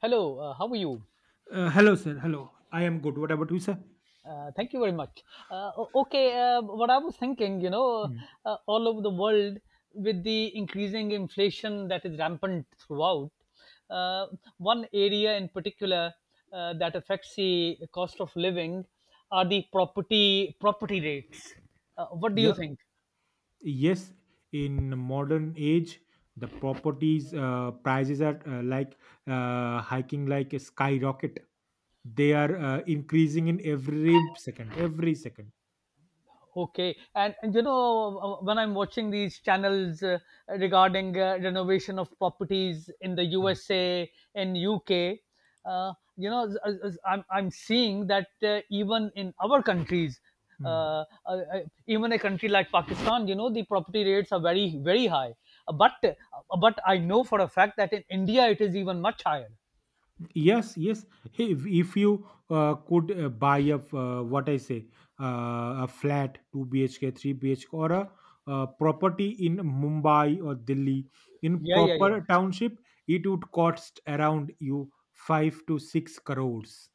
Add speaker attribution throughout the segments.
Speaker 1: Hello, how are you?
Speaker 2: Hello, sir. Hello. I am good. What about you, sir?
Speaker 1: Thank you very much. Okay, what I was thinking,
Speaker 2: Mm.
Speaker 1: all over the world with the increasing inflation that is rampant throughout, uh, one area in particular that affects the cost of living are the property rates. What do you
Speaker 2: Yeah.
Speaker 1: think?
Speaker 2: Yes. In modern age, the properties prices are like hiking like a skyrocket. They are increasing in every second. Every second.
Speaker 1: Okay, and when I'm watching these channels regarding renovation of properties in the USA and UK, I'm seeing that even in our countries,
Speaker 2: Mm.
Speaker 1: uh, uh, uh, even a country like Pakistan, you know the property rates are very very high. But but I know for a fact that in India it is even much higher.
Speaker 2: Yes, yes. Hey, if you could buy a f- what I say a flat 2 bhk 3 bhk or a property in Mumbai or Delhi in
Speaker 1: Yeah, yeah, yeah.
Speaker 2: proper township. It would cost around you 5 to 6 crores.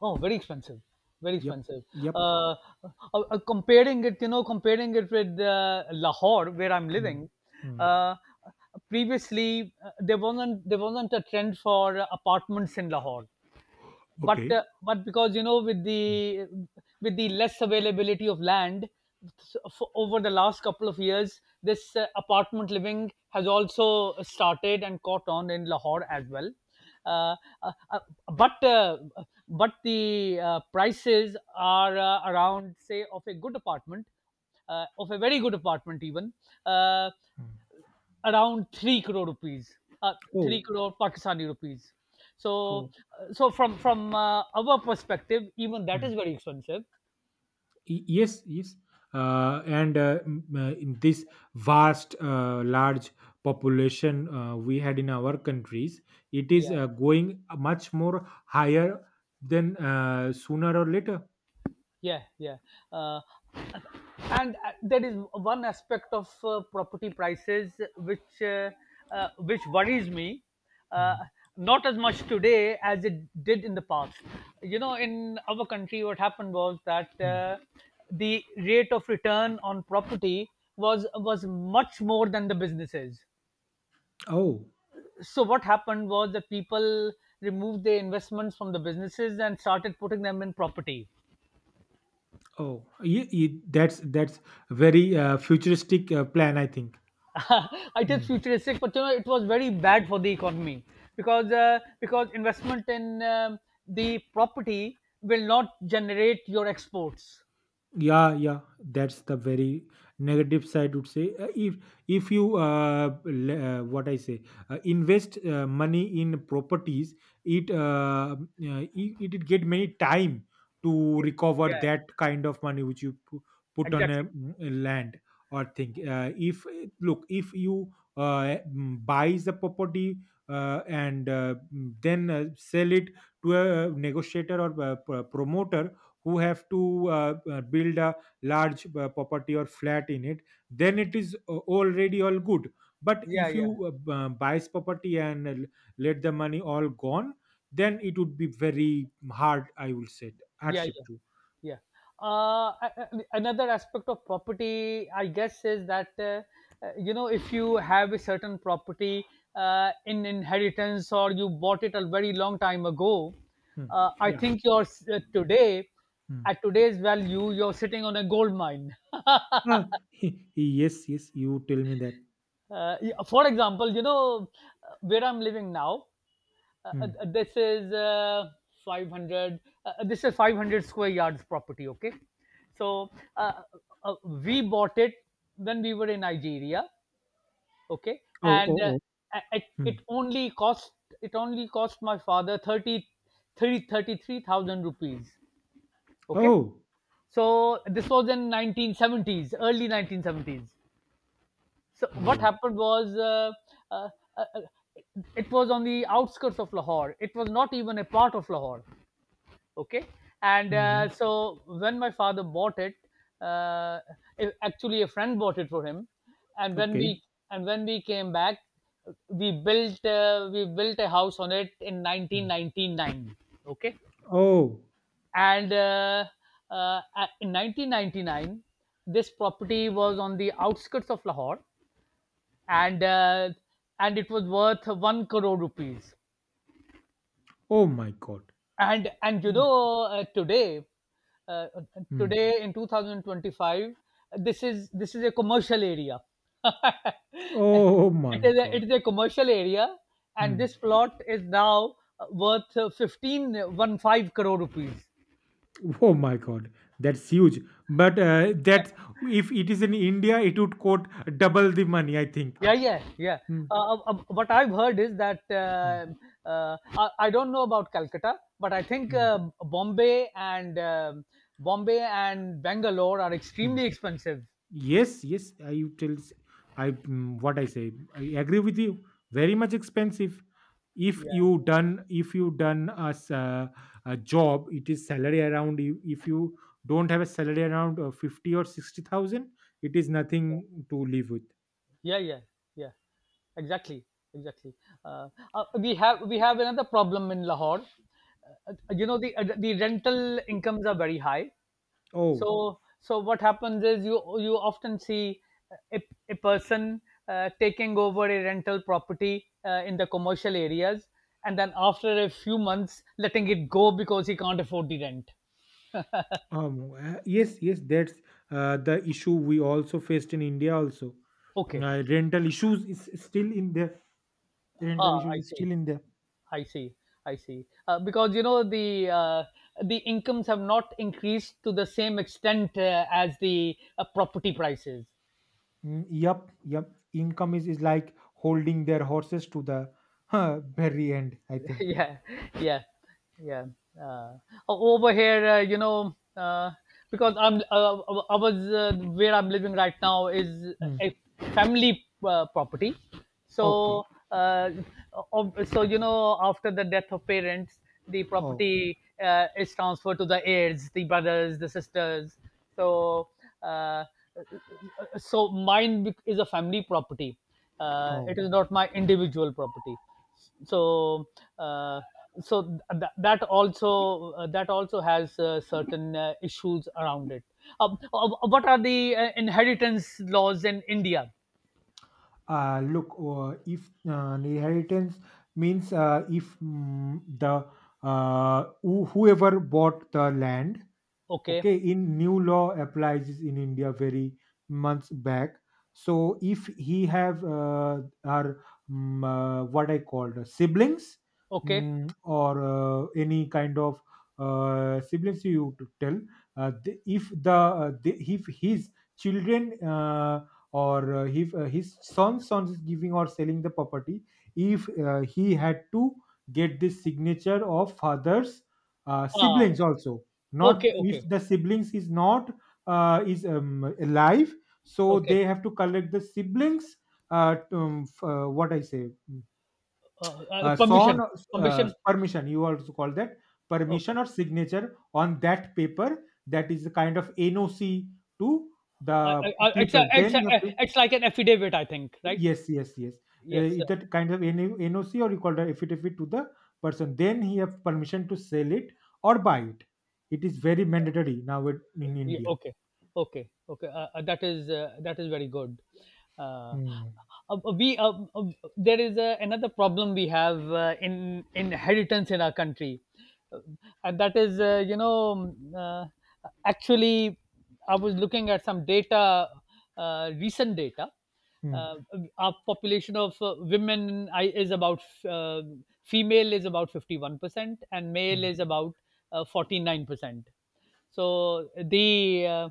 Speaker 1: Oh, very expensive, very
Speaker 2: Yep,
Speaker 1: expensive.
Speaker 2: yep.
Speaker 1: Uh, uh, comparing it with Lahore, where I'm
Speaker 2: Mm,
Speaker 1: living.
Speaker 2: mm.
Speaker 1: Uh, Previously, there wasn't a trend for apartments in Lahore, but
Speaker 2: Okay.
Speaker 1: but because with
Speaker 2: Mm,
Speaker 1: the less availability of land, so for, over the last couple of years this apartment living has also started and caught on in Lahore as well. uh, uh, uh, but uh, but the prices are, around say, of a good apartment, of a very good apartment even, uh,
Speaker 2: mm.
Speaker 1: around 3 crore rupees, uh, 3
Speaker 2: Oh,
Speaker 1: crore Pakistani rupees. so
Speaker 2: oh.
Speaker 1: uh, so from our perspective even that is very expensive.
Speaker 2: Yes, yes. And in this vast large population, we had in our countries. It is
Speaker 1: Yeah,
Speaker 2: going much more higher than, sooner or later.
Speaker 1: yeah, yeah. uh, and there is one aspect of property prices which, which worries me, uh,
Speaker 2: Mm,
Speaker 1: not as much today as it did in the past. In our country what happened was that,
Speaker 2: mm.
Speaker 1: the rate of return on property was much more than the businesses.
Speaker 2: Oh,
Speaker 1: So what happened was that people removed their investments from the businesses and started putting them in property.
Speaker 2: oh. That's very futuristic plan, I think.
Speaker 1: It is
Speaker 2: Hmm.
Speaker 1: futuristic, but you know it was very bad for the economy, because because investment in, the property will not generate your exports.
Speaker 2: Yeah, yeah, that's the very negative side, would say. If you le- what I say invest money in properties, it it get many time to recover
Speaker 1: Yeah,
Speaker 2: that kind of money which put on a,
Speaker 1: exactly.
Speaker 2: a land or thing. If Look, if you buys the property and then sell it to a negotiator or a promoter who have to build a large property or flat in it, then it is already all good. But
Speaker 1: Yeah,
Speaker 2: if you
Speaker 1: yeah.
Speaker 2: buys property and let the money all gone, then it would be very hard, I will say.
Speaker 1: Yeah,
Speaker 2: Hardship
Speaker 1: yeah,
Speaker 2: to.
Speaker 1: yeah. Another aspect of property, I guess, is that, you know, if you have a certain property in inheritance or you bought it a very long time ago,
Speaker 2: Hmm.
Speaker 1: I
Speaker 2: Yeah.
Speaker 1: think today
Speaker 2: Hmm.
Speaker 1: at today's value you're sitting on a gold mine.
Speaker 2: Ah, yes, yes, you tell me that.
Speaker 1: Yeah, for example, where I'm living now.
Speaker 2: Hmm.
Speaker 1: This is, 500. This is 500 square yards property. Okay, so uh, uh, we bought it when we were in Nigeria. Okay,
Speaker 2: Oh, oh,
Speaker 1: and
Speaker 2: oh.
Speaker 1: it,
Speaker 2: Hmm.
Speaker 1: it only cost my father, 33,000 rupees. Okay,
Speaker 2: Oh.
Speaker 1: so this was in 1970s, early 1970s. So what
Speaker 2: Wow.
Speaker 1: happened was, uh, uh, uh, it was on the outskirts of Lahore. It was not even a part of Lahore. Okay, and
Speaker 2: Hmm.
Speaker 1: so when my father bought it, uh, actually a friend bought it for him, and
Speaker 2: Okay.
Speaker 1: when we came back, we built a house on it in
Speaker 2: Hmm.
Speaker 1: 1999. Okay,
Speaker 2: Oh.
Speaker 1: and uh, in 1999, this property was on the outskirts of Lahore, and it was worth one crore rupees.
Speaker 2: Oh my god.
Speaker 1: And
Speaker 2: Mm.
Speaker 1: uh,
Speaker 2: Mm.
Speaker 1: today in 2025, this is a commercial area.
Speaker 2: Oh
Speaker 1: it
Speaker 2: my
Speaker 1: is a, it
Speaker 2: god.
Speaker 1: is a commercial area, and
Speaker 2: Mm.
Speaker 1: this plot is now worth, 15, 1 5 crore rupees.
Speaker 2: Oh my God, that's huge. But that
Speaker 1: Yeah.
Speaker 2: if it is in India, it would cost double the money, I think.
Speaker 1: Yeah, yeah, yeah.
Speaker 2: Hmm,
Speaker 1: What I've heard is that,
Speaker 2: hmm,
Speaker 1: I don't know about Calcutta, but I think
Speaker 2: hmm,
Speaker 1: Bombay and Bangalore are
Speaker 2: hmm.
Speaker 1: extremely expensive.
Speaker 2: Yes, yes. I tell s- I mm, what I say. I agree with you. Very much expensive. If
Speaker 1: Yeah,
Speaker 2: you done if you done as a job, it is salary around. If you don't have a salary around fifty or sixty thousand, it is nothing to live with.
Speaker 1: yeah, yeah, yeah. Exactly, exactly. uh, we have another problem in Lahore. You know the rental incomes are very high.
Speaker 2: Oh.
Speaker 1: So what happens is you often see a, a person taking over a rental property in the commercial areas, and then after a few months letting it go because he can't afford the rent.
Speaker 2: Yes, yes, that's the issue we also faced in India also.
Speaker 1: Okay.
Speaker 2: Rental issues is still in there. Rental
Speaker 1: Ah,
Speaker 2: issues
Speaker 1: I
Speaker 2: is
Speaker 1: see,
Speaker 2: still in there.
Speaker 1: i see I see. Because you know the incomes have not increased to the same extent, as the property prices.
Speaker 2: Mm, yep, yep. Income is like holding their horses to the, very end, I think.
Speaker 1: Yeah, yeah, yeah. Uh, Over here, because I'm, I was where I'm living right now is
Speaker 2: Mm.
Speaker 1: a family property.
Speaker 2: Okay.
Speaker 1: So, uh, after the death of parents, the
Speaker 2: Oh,
Speaker 1: property is transferred to the heirs, the brothers, the sisters. So, uh, mine is a family property.
Speaker 2: oh.
Speaker 1: It is not my individual property, so uh, that also has certain issues around it. What are the inheritance laws in India?
Speaker 2: Look. If inheritance means if, the whoever bought the land,
Speaker 1: Okay,
Speaker 2: okay, in new law applies in India very months back. So if he have are, mm, what I called siblings,
Speaker 1: okay.
Speaker 2: or any kind of siblings, you to tell if the, the if his children or if his son is giving or selling the property, if he had to get this signature of father's
Speaker 1: Ah,
Speaker 2: siblings also, not
Speaker 1: okay, okay,
Speaker 2: if the siblings is not is, alive, so
Speaker 1: okay.
Speaker 2: they have to collect the siblings to, f- what I say
Speaker 1: uh, uh, permission
Speaker 2: son,
Speaker 1: permission.
Speaker 2: permission you also call that permission
Speaker 1: Okay.
Speaker 2: or signature on that paper, that is a kind of NOC to the
Speaker 1: uh, uh, uh, it's
Speaker 2: people,
Speaker 1: a,
Speaker 2: then
Speaker 1: it's a,
Speaker 2: you have to.
Speaker 1: it's like an affidavit, I think, right?
Speaker 2: Yes, yes, yes.
Speaker 1: Yes.
Speaker 2: Is that kind of NOC or you call that affidavit to the person, then he have permission to sell it or buy it. It is very mandatory now in
Speaker 1: Yeah,
Speaker 2: India.
Speaker 1: okay, okay, okay. That is very good. Uh,
Speaker 2: Hmm.
Speaker 1: we There is another problem we have in inheritance in our country. Uh, and that is, um, uh, actually I was looking at some data, recent data.
Speaker 2: Mm,
Speaker 1: Uh, our population of, women I- is about female, is about 51%, and male
Speaker 2: mm.
Speaker 1: is about, 49%. so the uh,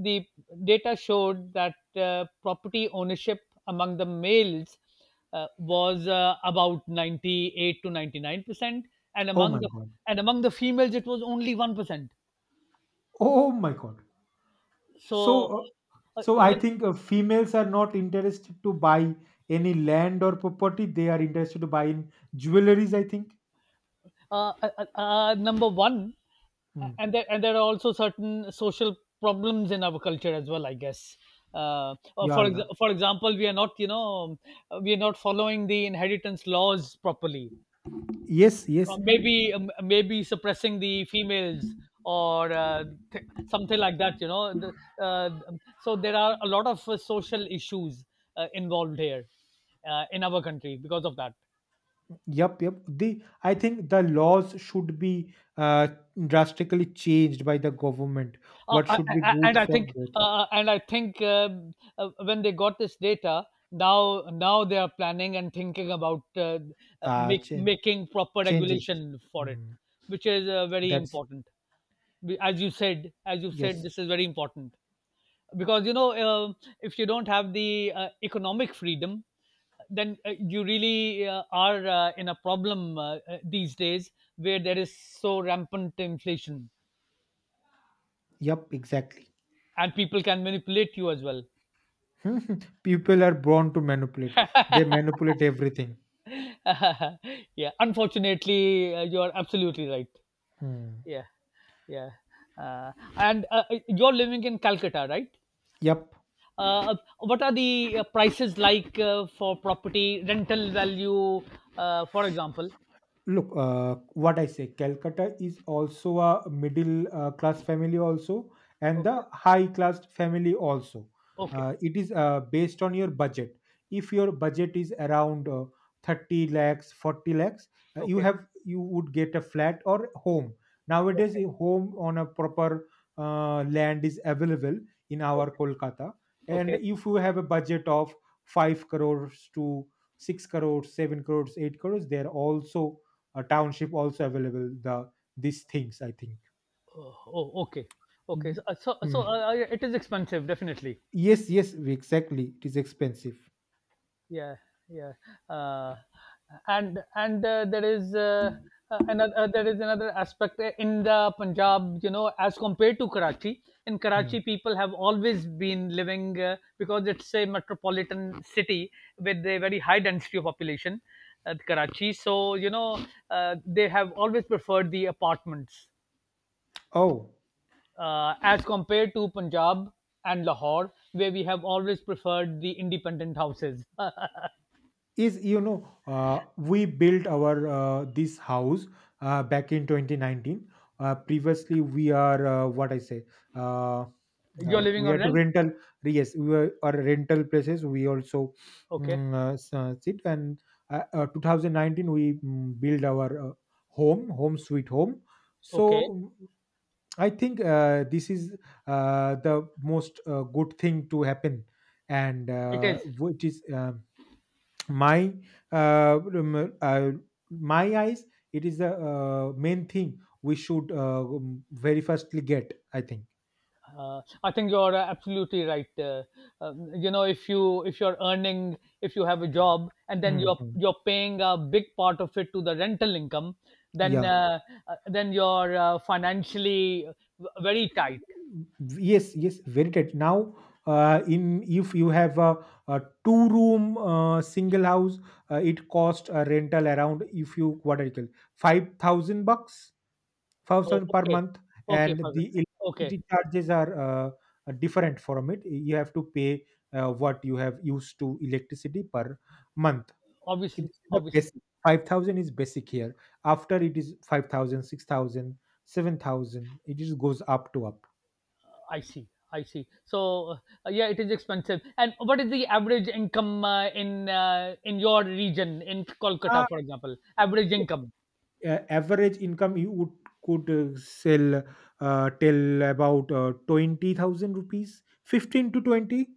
Speaker 1: the data showed that property ownership among the males was, about 98 to 99%, and
Speaker 2: Oh my god.
Speaker 1: among the females it was only 1%.
Speaker 2: Oh my god. So
Speaker 1: So
Speaker 2: uh,
Speaker 1: uh,
Speaker 2: so I
Speaker 1: you know,
Speaker 2: think females are not interested to buy any land or property. They are interested to buy in jewelries, I think.
Speaker 1: uh, uh, Number one,
Speaker 2: Hmm.
Speaker 1: and there are also certain social problems in our culture as well, I guess.
Speaker 2: Yeah, yeah.
Speaker 1: For example, we are not following the inheritance laws properly,
Speaker 2: Yes, yes.
Speaker 1: or maybe suppressing the females, or th- something like that, so there are a lot of social issues involved here, in our country, because of that.
Speaker 2: Yep, yep. The I think the laws should be drastically changed by the government.
Speaker 1: Uh,
Speaker 2: What
Speaker 1: I-
Speaker 2: should be
Speaker 1: I- and
Speaker 2: good
Speaker 1: I
Speaker 2: for
Speaker 1: think
Speaker 2: both?
Speaker 1: and I think, when they got this data, now they are planning and thinking about,
Speaker 2: Uh, change
Speaker 1: making proper
Speaker 2: Changes.
Speaker 1: regulation for it,
Speaker 2: Hmm.
Speaker 1: which is very
Speaker 2: That's.
Speaker 1: important. As you said,
Speaker 2: Yes.
Speaker 1: this is very important, because if you don't have the economic freedom, then you really are in a problem, these days where there is so rampant inflation,
Speaker 2: Yep, exactly.
Speaker 1: and people can manipulate you as well.
Speaker 2: People are born to manipulate. They manipulate everything.
Speaker 1: Yeah, unfortunately, you are absolutely right.
Speaker 2: Hmm.
Speaker 1: Yeah, yeah. And you're living in Calcutta, right?
Speaker 2: Yep.
Speaker 1: What are the prices like, for property, rental value, for example?
Speaker 2: Look, what I say Calcutta is also a middle class family also, and
Speaker 1: Okay,
Speaker 2: the high class family also.
Speaker 1: okay,
Speaker 2: It is based on your budget. If your budget is around 30 lakhs 40 lakhs,
Speaker 1: okay,
Speaker 2: you would get a flat or home nowadays.
Speaker 1: okay,
Speaker 2: A home on a proper land is available in our
Speaker 1: okay,
Speaker 2: Kolkata. And
Speaker 1: okay.
Speaker 2: if you have a budget of 5 crores to 6 crores, 7 crores, 8 crores, there also a township also available, these things, I think.
Speaker 1: Oh, oh, okay, okay.
Speaker 2: Mm.
Speaker 1: So, uh, so, so
Speaker 2: Mm.
Speaker 1: uh, uh, it is expensive, definitely.
Speaker 2: Yes, yes, exactly, it is expensive.
Speaker 1: Yeah, yeah. uh, and there is another aspect in the Punjab, you know, as compared to Karachi. In
Speaker 2: Hmm.
Speaker 1: Karachi people have always been living, because it's a metropolitan city with a very high density of population at Karachi, they have always preferred the apartments,
Speaker 2: Oh,
Speaker 1: as compared to Punjab and Lahore, where we have always preferred the independent houses.
Speaker 2: is you know, we built our this house back in 2019. Previously we are, what I say uh,
Speaker 1: You're living
Speaker 2: we
Speaker 1: on
Speaker 2: had to
Speaker 1: rent.
Speaker 2: rental. Yes, we were our rental places, we also
Speaker 1: Okay.
Speaker 2: sit and, 2019 we build our home, home sweet home. so
Speaker 1: Okay,
Speaker 2: mm, I think this is the most good thing to happen, and
Speaker 1: it is.
Speaker 2: which is my uh, rem- uh, my eyes. It is the main thing we should very firstly get. I think.
Speaker 1: I think you're absolutely right. If you're earning, if you have a job, and then you're
Speaker 2: Mhm.
Speaker 1: you're paying a big part of it to the rental income, then
Speaker 2: Yeah.
Speaker 1: uh, then you're financially very tight.
Speaker 2: Yes. Yes. Very tight. Now, in if you have a two room single house, it cost a rental around, if you what do you call, 5,000 bucks,
Speaker 1: Oh,
Speaker 2: 5,000 per
Speaker 1: okay,
Speaker 2: month,
Speaker 1: okay,
Speaker 2: and
Speaker 1: Fazil.
Speaker 2: the
Speaker 1: Okay.
Speaker 2: electricity charges are different from it. You have to pay what you have used to electricity per month.
Speaker 1: Obviously,
Speaker 2: This the
Speaker 1: obviously.
Speaker 2: basic. 5,000 is basic here. After it is 5,000, 6,000, 7,000. It just goes up to up.
Speaker 1: I see, I see. So, yeah, it is expensive. And what is the average income, in your region, in
Speaker 2: Uh,
Speaker 1: Kolkata, for example? Average income.
Speaker 2: Average income you would could sell till about 20,000 rupees, 15 to 20,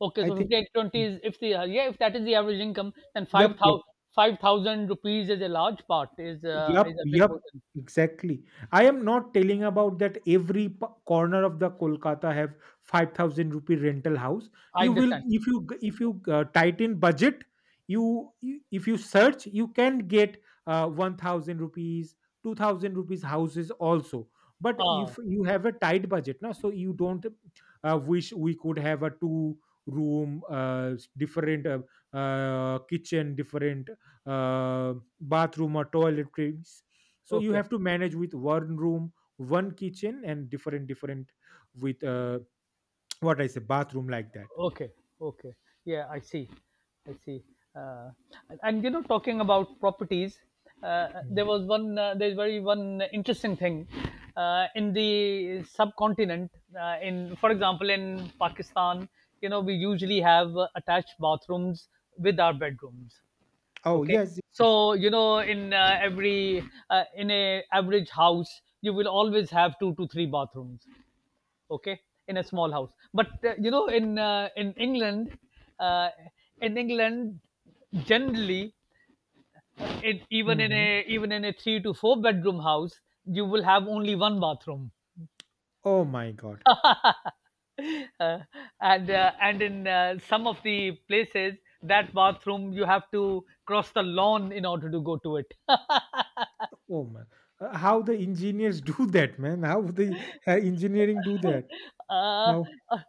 Speaker 1: Okay,
Speaker 2: I
Speaker 1: so
Speaker 2: think.
Speaker 1: 5820 is, if the, yeah, if that is the average income, then
Speaker 2: Yep,
Speaker 1: five
Speaker 2: yep.
Speaker 1: thousand five thousand rupees is a large part,
Speaker 2: Yup,
Speaker 1: is a big
Speaker 2: yup,
Speaker 1: portion.
Speaker 2: exactly. I am not telling about that every corner of the Kolkata have 5,000 rupee rental house.
Speaker 1: I
Speaker 2: You will
Speaker 1: understand.
Speaker 2: If you tighten budget, if you search, you can get 1,000 rupees, 2,000 rupees houses also. But if
Speaker 1: Ah,
Speaker 2: you have a tight budget now, so you don't wish we could have a two room different kitchen, different um, bathroom or toiletries, so you
Speaker 1: okay,
Speaker 2: have to manage with one room one kitchen and different different with what I say bathroom like that.
Speaker 1: okay, okay. Yeah, I see, I see. Uh, and, talking about properties,
Speaker 2: Mm.
Speaker 1: there's very one interesting thing in the subcontinent. In For example, in Pakistan, we usually have attached bathrooms with our bedrooms.
Speaker 2: Oh,
Speaker 1: Okay.
Speaker 2: yes.
Speaker 1: So, in a average house, you will always have two to three bathrooms. Okay, in a small house. But in England, uh, in England, generally, even in
Speaker 2: Hmm.
Speaker 1: a even in a three to four bedroom house, you will have only one bathroom.
Speaker 2: Oh my god.
Speaker 1: Uh, and in some of the places that bathroom you have to cross the lawn in order to go to it.
Speaker 2: Oh my. How the engineers do that, man? How the engineering do that?
Speaker 1: uh,
Speaker 2: How?
Speaker 1: uh,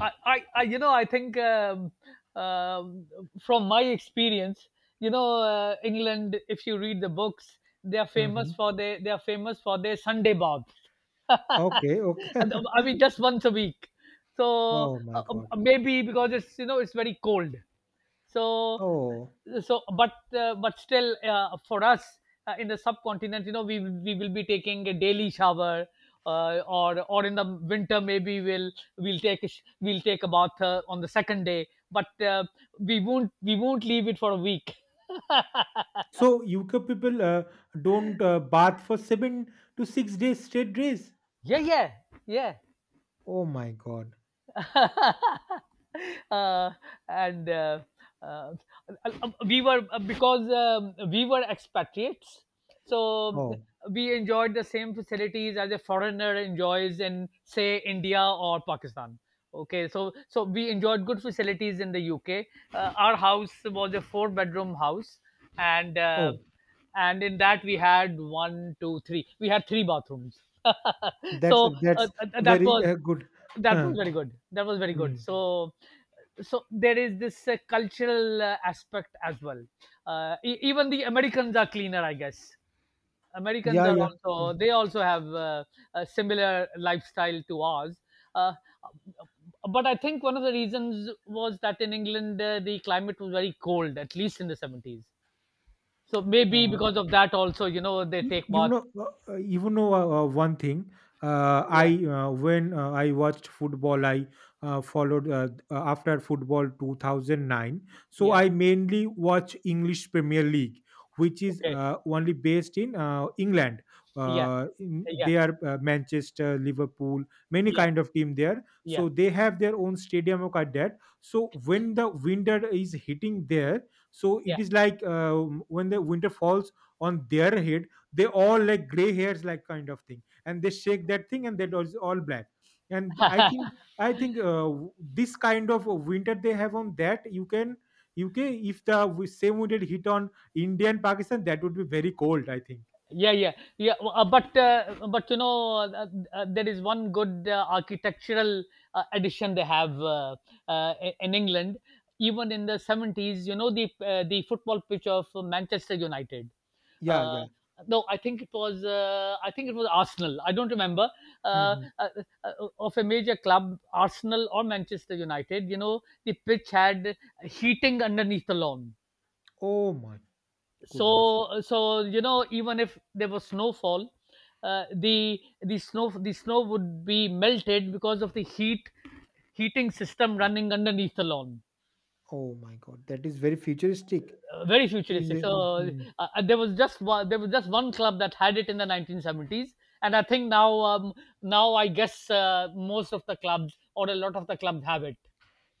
Speaker 1: I think um from my experience. England, if you read the books, they are famous
Speaker 2: Hmm.
Speaker 1: for their, they are famous for their Sunday baths.
Speaker 2: Okay, okay.
Speaker 1: I mean, just once a week. So
Speaker 2: Oh my God.
Speaker 1: Maybe because it's, you know, it's very cold. So
Speaker 2: Oh.
Speaker 1: but still, for us in the subcontinent, you know, we will be taking a daily shower. Or in the winter maybe we'll take a bath on the second day, but we won't leave it for a week.
Speaker 2: So UK people don't bath for 7 to 6 days, straight days.
Speaker 1: Yeah, yeah, yeah.
Speaker 2: Oh my God.
Speaker 1: uh, and uh, we were because we were expatriates, so
Speaker 2: Oh,
Speaker 1: we enjoyed the same facilities as a foreigner enjoys in, say, India or Pakistan. Okay, so so we enjoyed good facilities in the UK. Our house was a four-bedroom house, and
Speaker 2: oh.
Speaker 1: and in that we had one, two, three. We had three bathrooms.
Speaker 2: That's
Speaker 1: so uh,
Speaker 2: that's
Speaker 1: uh, that
Speaker 2: very
Speaker 1: was
Speaker 2: good.
Speaker 1: that
Speaker 2: Huh.
Speaker 1: was very good. That was very
Speaker 2: Hmm.
Speaker 1: good. So so there is this cultural aspect as well. Even the Americans are cleaner, I guess. Americans
Speaker 2: Yeah,
Speaker 1: are
Speaker 2: yeah. Hmm.
Speaker 1: also, they also have a similar lifestyle to ours. Uh, but I think one of the reasons was that in England the climate was very cold, at least in the 70s. So maybe
Speaker 2: Uh,
Speaker 1: because of that also, you know, they take
Speaker 2: You
Speaker 1: bath.
Speaker 2: know, one thing,
Speaker 1: Yeah,
Speaker 2: I when I watched football, I followed, after football 2009, so
Speaker 1: yeah,
Speaker 2: I mainly watch English Premier League, which is
Speaker 1: okay,
Speaker 2: only based in England.
Speaker 1: yeah, yeah,
Speaker 2: They are Manchester, Liverpool, many
Speaker 1: yeah,
Speaker 2: kind of team there,
Speaker 1: yeah,
Speaker 2: so they have their own stadium or like that. So when the winter is hitting there, so it
Speaker 1: yeah.
Speaker 2: is like when the winter falls on their head, they all like gray hairs like kind of thing, and they shake that thing and that was all black, and I think this kind of winter they have on that you can UK. If the same winter hit on India and Pakistan, that would be very cold, I think.
Speaker 1: yeah yeah but you know, there is one good architectural addition they have, in england, even in the 70s, you know, the football pitch of manchester united.
Speaker 2: Yeah,
Speaker 1: uh,
Speaker 2: yeah.
Speaker 1: no, I think it was, I think it was Arsenal. I don't remember. uh,
Speaker 2: Hmm.
Speaker 1: uh, uh, of a major club, Arsenal or Manchester United. You know, the pitch had heating underneath the lawn.
Speaker 2: Oh my goodness.
Speaker 1: So so, you know, even if there was snowfall, the snow would be melted because of the heating system running underneath the lawn.
Speaker 2: Oh my god. That is very futuristic.
Speaker 1: Very futuristic.
Speaker 2: Mhm.
Speaker 1: There was just one club that had it in the 1970s, and I think now, now I guess most of the clubs, or a lot of the clubs, have it.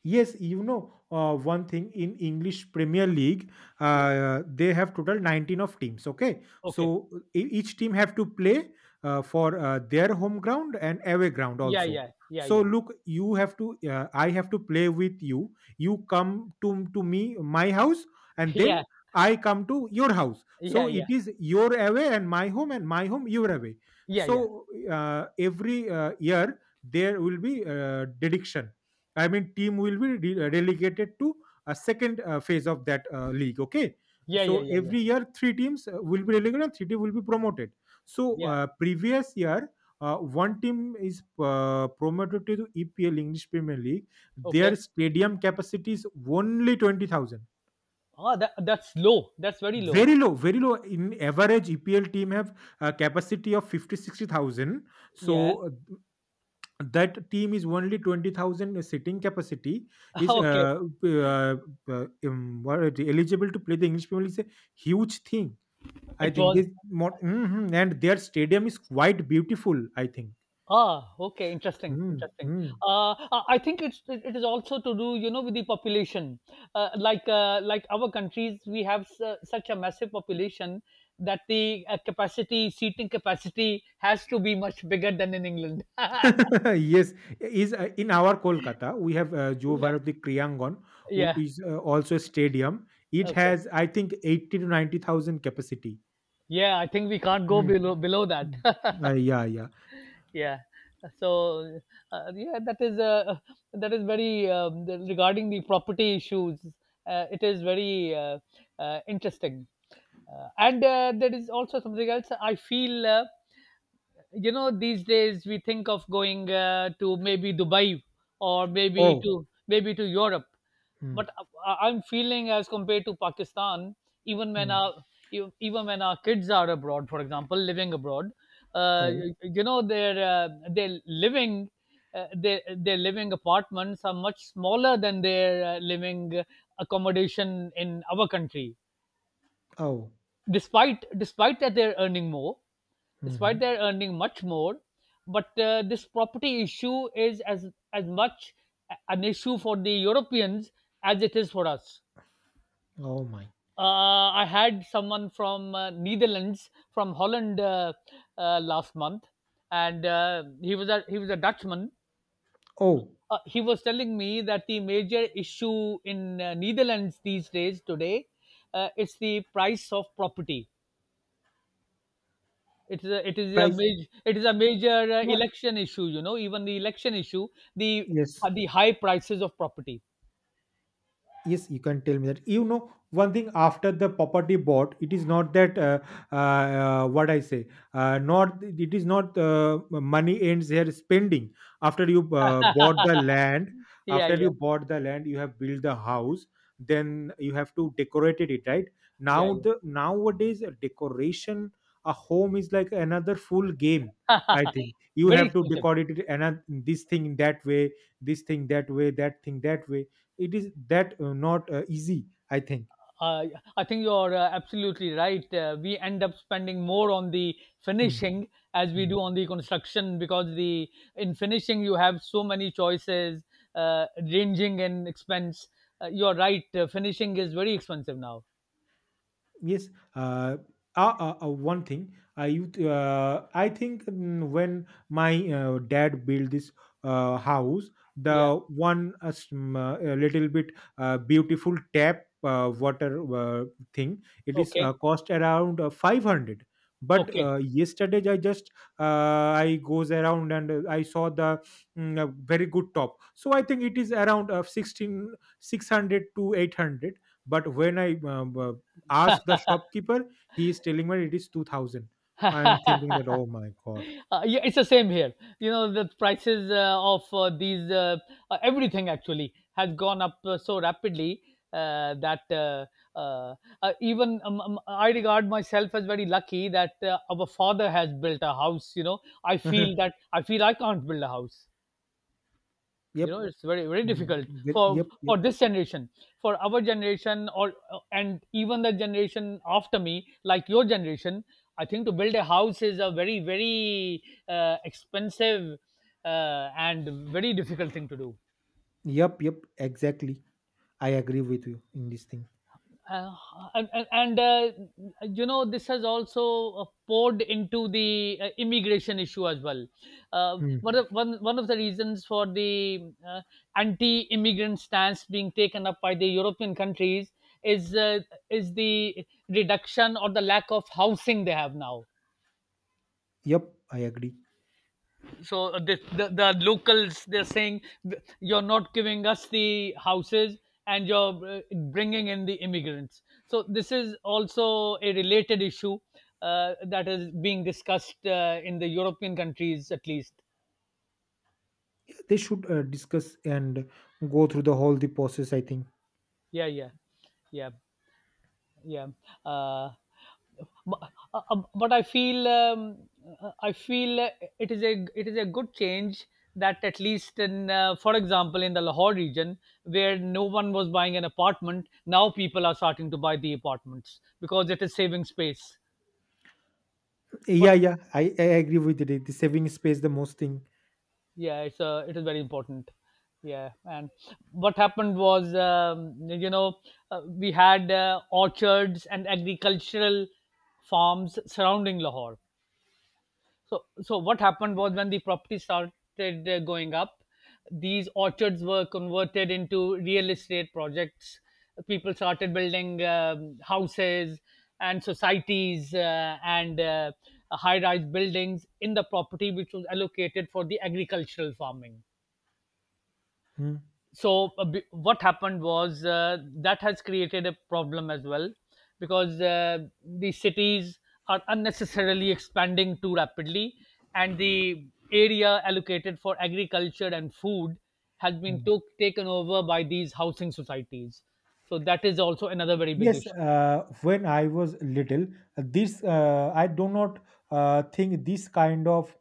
Speaker 2: Yes, you know one thing in English Premier League,
Speaker 1: Yeah,
Speaker 2: they have total 19 of teams. Okay,
Speaker 1: okay,
Speaker 2: so each team have to play for their home ground and away ground
Speaker 1: yeah,
Speaker 2: also.
Speaker 1: yeah, yeah,
Speaker 2: So
Speaker 1: yeah.
Speaker 2: look, you have to, I have to play with you. You come to me, my house, and
Speaker 1: Yeah,
Speaker 2: then I come to your house. So
Speaker 1: yeah, yeah,
Speaker 2: it is your away and my home your away.
Speaker 1: yeah, yeah,
Speaker 2: Every year there will be dediction, I mean, team will be relegated to a second phase of that league. Okay,
Speaker 1: yeah, yeah,
Speaker 2: so
Speaker 1: yeah, yeah,
Speaker 2: every year three teams will be relegated, and three teams will be promoted. So
Speaker 1: yeah,
Speaker 2: uh, previous year, one team is promoted to EPL English Premier League. Their
Speaker 1: okay.
Speaker 2: stadium capacity is only 20,000.
Speaker 1: Ah, that, that's low. That's very low.
Speaker 2: Very low, very low. In average, EPL team have a capacity of 50, 60,000.
Speaker 1: Yeah.
Speaker 2: So that team is only 20,000 sitting capacity, is
Speaker 1: Okay.
Speaker 2: eligible to play the English Premier League is a huge thing. I
Speaker 1: It
Speaker 2: think
Speaker 1: was.
Speaker 2: this more, hmm, and their stadium is quite beautiful, I think.
Speaker 1: Ah, okay. Interesting. Interesting.
Speaker 2: Mm-hmm.
Speaker 1: I think it's, it is also to do, you know, with the population. Like like our countries, we have such a massive population that the capacity, seating capacity, has to be much bigger than in England.
Speaker 2: Yes, is in our Kolkata we have Jo
Speaker 1: Yeah.
Speaker 2: Bharati Kriyangon, which
Speaker 1: Yeah.
Speaker 2: is also a stadium. It
Speaker 1: Okay.
Speaker 2: has I think eighty to ninety thousand capacity.
Speaker 1: Yeah. I think we can't go
Speaker 2: Mm,
Speaker 1: below that.
Speaker 2: mm. Yeah, yeah.
Speaker 1: Yeah. so yeah, that is, that is very, regarding the property issues, it is very, interesting. And there is also something else I feel, you know, these days we think of going, to maybe Dubai, or maybe
Speaker 2: Oh,
Speaker 1: to, maybe to Europe,
Speaker 2: mm,
Speaker 1: but I- I'm feeling, as compared to Pakistan, even when
Speaker 2: mm.
Speaker 1: our, even when our kids are abroad, for example, living abroad,
Speaker 2: Oh,
Speaker 1: you know, their, their living, their living apartments are much smaller than their living accommodation in our country,
Speaker 2: oh.
Speaker 1: despite that they're earning more, despite
Speaker 2: Hmm.
Speaker 1: their earning much more. But this property issue is as much an issue for the Europeans as it is for us.
Speaker 2: Oh my.
Speaker 1: I had someone from Netherlands, from Holland, last month, and he was a, he was a Dutchman.
Speaker 2: Oh,
Speaker 1: He was telling me that the major issue in Netherlands these days today is the price of property. It is a
Speaker 2: price.
Speaker 1: major, it is a major
Speaker 2: Yeah,
Speaker 1: election issue. You know, even the election issue, the
Speaker 2: yes.
Speaker 1: the high prices of property.
Speaker 2: Yes, you can tell me that, one thing. After the property bought, it is not that, what I say, not, it is not money ends here spending. after you uh, bought the land
Speaker 1: Yeah,
Speaker 2: after you
Speaker 1: yeah,
Speaker 2: bought the land, you have built the house. Then you have to decorate it. Right
Speaker 1: yeah,
Speaker 2: now,
Speaker 1: yeah.
Speaker 2: the nowadays, a decoration, a home is like another full game. I think you
Speaker 1: Very
Speaker 2: have to
Speaker 1: expensive.
Speaker 2: decorate it another, this thing that way, this thing that way, that thing that way. It is that, not easy, I think.
Speaker 1: Uh, I think you're absolutely right. We end up spending more on the
Speaker 2: Hmm,
Speaker 1: finishing as we
Speaker 2: hmm.
Speaker 1: do on the construction, because the, in finishing you have so many choices uh, ranging in expense. You're right. Finishing is very expensive now.
Speaker 2: Yes. Uh, One thing I think, when my dad built this house,
Speaker 1: Yeah.
Speaker 2: the one a little bit beautiful tap water thing, it is
Speaker 1: Okay.
Speaker 2: cost around 500. But
Speaker 1: Okay.
Speaker 2: yesterday I goes around, and I saw a very good top. So I think it is around 16 600 to 800. But when I ask the shopkeeper, he is telling me it is 2000. I am thinking that, oh my god.
Speaker 1: Yeah, it's the same here. You know, the prices of these, everything actually has gone up so rapidly that uh, even, I regard myself as very lucky that our father has built a house. You know,
Speaker 2: Uh-huh.
Speaker 1: I feel I can't build a house, you
Speaker 2: Yep.
Speaker 1: know, it's very, very
Speaker 2: Mm.
Speaker 1: difficult
Speaker 2: Yep.
Speaker 1: for
Speaker 2: Yep. Yep.
Speaker 1: for this generation, for our generation, or, and even the generation after me, like your generation. I think to build a house is a very, very expensive and very difficult thing to do.
Speaker 2: Yep. Yep. Exactly. I agree with you in this thing.
Speaker 1: Uh, and and, and, uh, you know, this has also poured into the immigration issue as well.
Speaker 2: Hmm.
Speaker 1: One of the reasons for the anti-immigrant stance being taken up by the european countries is, is the reduction, or the lack of housing, they have now.
Speaker 2: Yep. I agree.
Speaker 1: So the locals, they're saying, you're not giving us the houses, and you're bringing in the immigrants. So this is also a related issue that is being discussed in the european countries, at least.
Speaker 2: They should discuss and go through the whole the process, I think.
Speaker 1: Yeah, yeah, yeah, yeah. Uh, but, uh, uh, but i feel, I feel, it is a, it is a good change that at least in, for example, in the lahore region, where no one was buying an apartment, now people are starting to buy the apartments, because it is saving space.
Speaker 2: Yeah.
Speaker 1: But
Speaker 2: Yeah. I agree with it. The saving space, the most thing.
Speaker 1: yeah, it is very important. Yeah. And what happened was, you know, we had orchards and agricultural farms surrounding lahore. So, so what happened was, when the property started going up, these orchards were converted into real estate projects. People started building houses and societies and high-rise buildings in the property which was allocated for the agricultural farming.
Speaker 2: Hmm.
Speaker 1: What happened was, that has created a problem as well, because the cities are unnecessarily expanding too rapidly, and the area allocated for agriculture and food has been
Speaker 2: Hmm.
Speaker 1: taken over by these housing societies. So that is also another very big
Speaker 2: Yes.
Speaker 1: issue.
Speaker 2: When I was little, this I do not think this kind of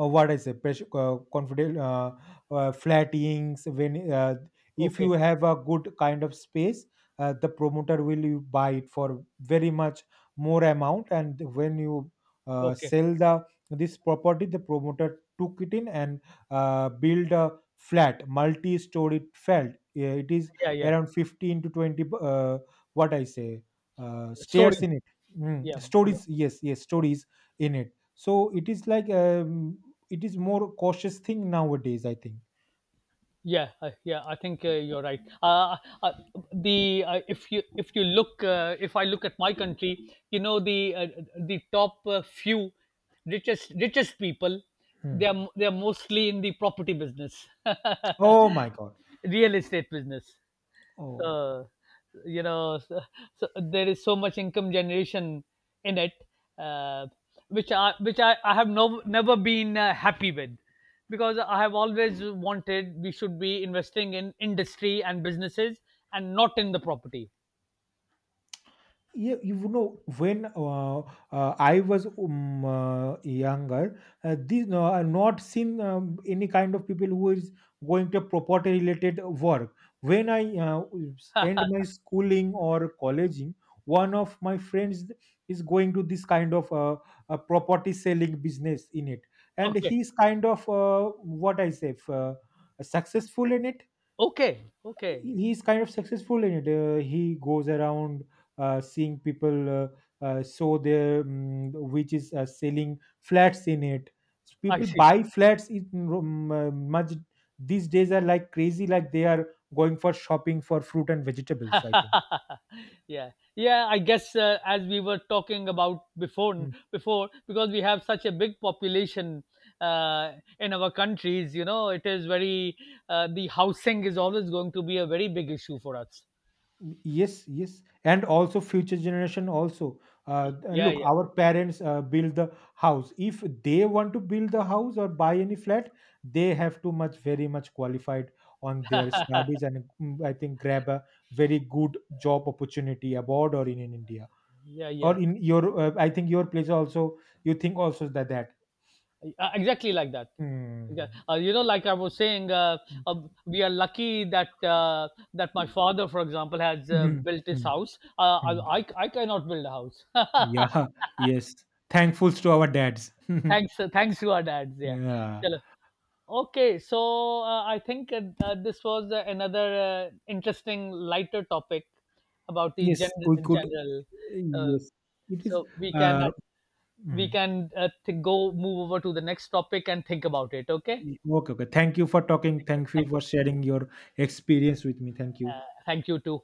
Speaker 2: what I say, pressure, confident, flattings. When, if you
Speaker 1: Okay,
Speaker 2: have a good kind of space, the promoter will you buy it for very much more amount. And when you
Speaker 1: okay,
Speaker 2: sell the this property, the promoter took it in and built a flat, multi-story flat. Yeah, it is
Speaker 1: yeah, yeah,
Speaker 2: around 15 to 20. What I say, stairs
Speaker 1: stories,
Speaker 2: in it.
Speaker 1: yeah,
Speaker 2: Mm,
Speaker 1: yeah,
Speaker 2: stories, yes, yes,
Speaker 1: yeah.
Speaker 2: stories in it. So it is like, it is more cautious thing nowadays, I think.
Speaker 1: Yeah, yeah, I think you're right. Uh, the If you, if you look if I look at my country, you know, the top few richest people,
Speaker 2: Hmm.
Speaker 1: they are mostly in the property business,
Speaker 2: Oh my god.
Speaker 1: real estate business.
Speaker 2: Oh.
Speaker 1: So, you know, so, so there is so much income generation in it, uh, which I, I have, never been happy with, because I have always wanted we should be investing in industry and businesses and not in the property.
Speaker 2: Yeah, when I was younger, this, no, I not seen any kind of people who is going to property related work. When I end my schooling or colleging, one of my friends is going to this kind of a property selling business in it. And
Speaker 1: Okay,
Speaker 2: he's kind of what I say, successful in it.
Speaker 1: okay, okay.
Speaker 2: He's kind of successful in it. He goes around seeing people sow their, which is selling flats in it. So
Speaker 1: I
Speaker 2: people
Speaker 1: see.
Speaker 2: buy flats in much. These days are like crazy, like they are going for shopping for fruit and vegetables, I think.
Speaker 1: Yeah, yeah, I guess as we were talking about before,
Speaker 2: Hmm.
Speaker 1: because we have such a big population uh, in our countries, you know, it is very, the housing is always going to be a very big issue for us.
Speaker 2: Yes, yes, and also future generation also. uh,
Speaker 1: Yeah,
Speaker 2: Look,
Speaker 1: yeah,
Speaker 2: our parents build the house. If they want to build the house or buy any flat, they have to much very much qualified on their studies and, I think, grab a very good job opportunity abroad or in India,
Speaker 1: yeah,
Speaker 2: or
Speaker 1: yeah.
Speaker 2: in your, I think, your place also. You think also that.
Speaker 1: Exactly like that.
Speaker 2: Mm,
Speaker 1: Yeah. You know, like I was saying, uh, we are lucky that that my father, for example, has
Speaker 2: mm,
Speaker 1: built his
Speaker 2: mm,
Speaker 1: house. Uh,
Speaker 2: mm.
Speaker 1: I, I I cannot build a house.
Speaker 2: Yeah. Yes, thankfuls to our dads.
Speaker 1: Thanks, thanks to our dads. Yeah.
Speaker 2: Yeah.
Speaker 1: Chalo. Okay, so I think this was another interesting, lighter topic about the
Speaker 2: Yes, we
Speaker 1: in
Speaker 2: could.
Speaker 1: general. Uh,
Speaker 2: Yes, it is.
Speaker 1: so we can
Speaker 2: Uh,
Speaker 1: we
Speaker 2: Mm.
Speaker 1: can, go, move over to the next topic and think about it. Okay.
Speaker 2: Okay, okay. Thank you for talking.
Speaker 1: Thank you.
Speaker 2: Thank you
Speaker 1: Thank you.
Speaker 2: for sharing your experience with me. Thank you.
Speaker 1: Thank you too.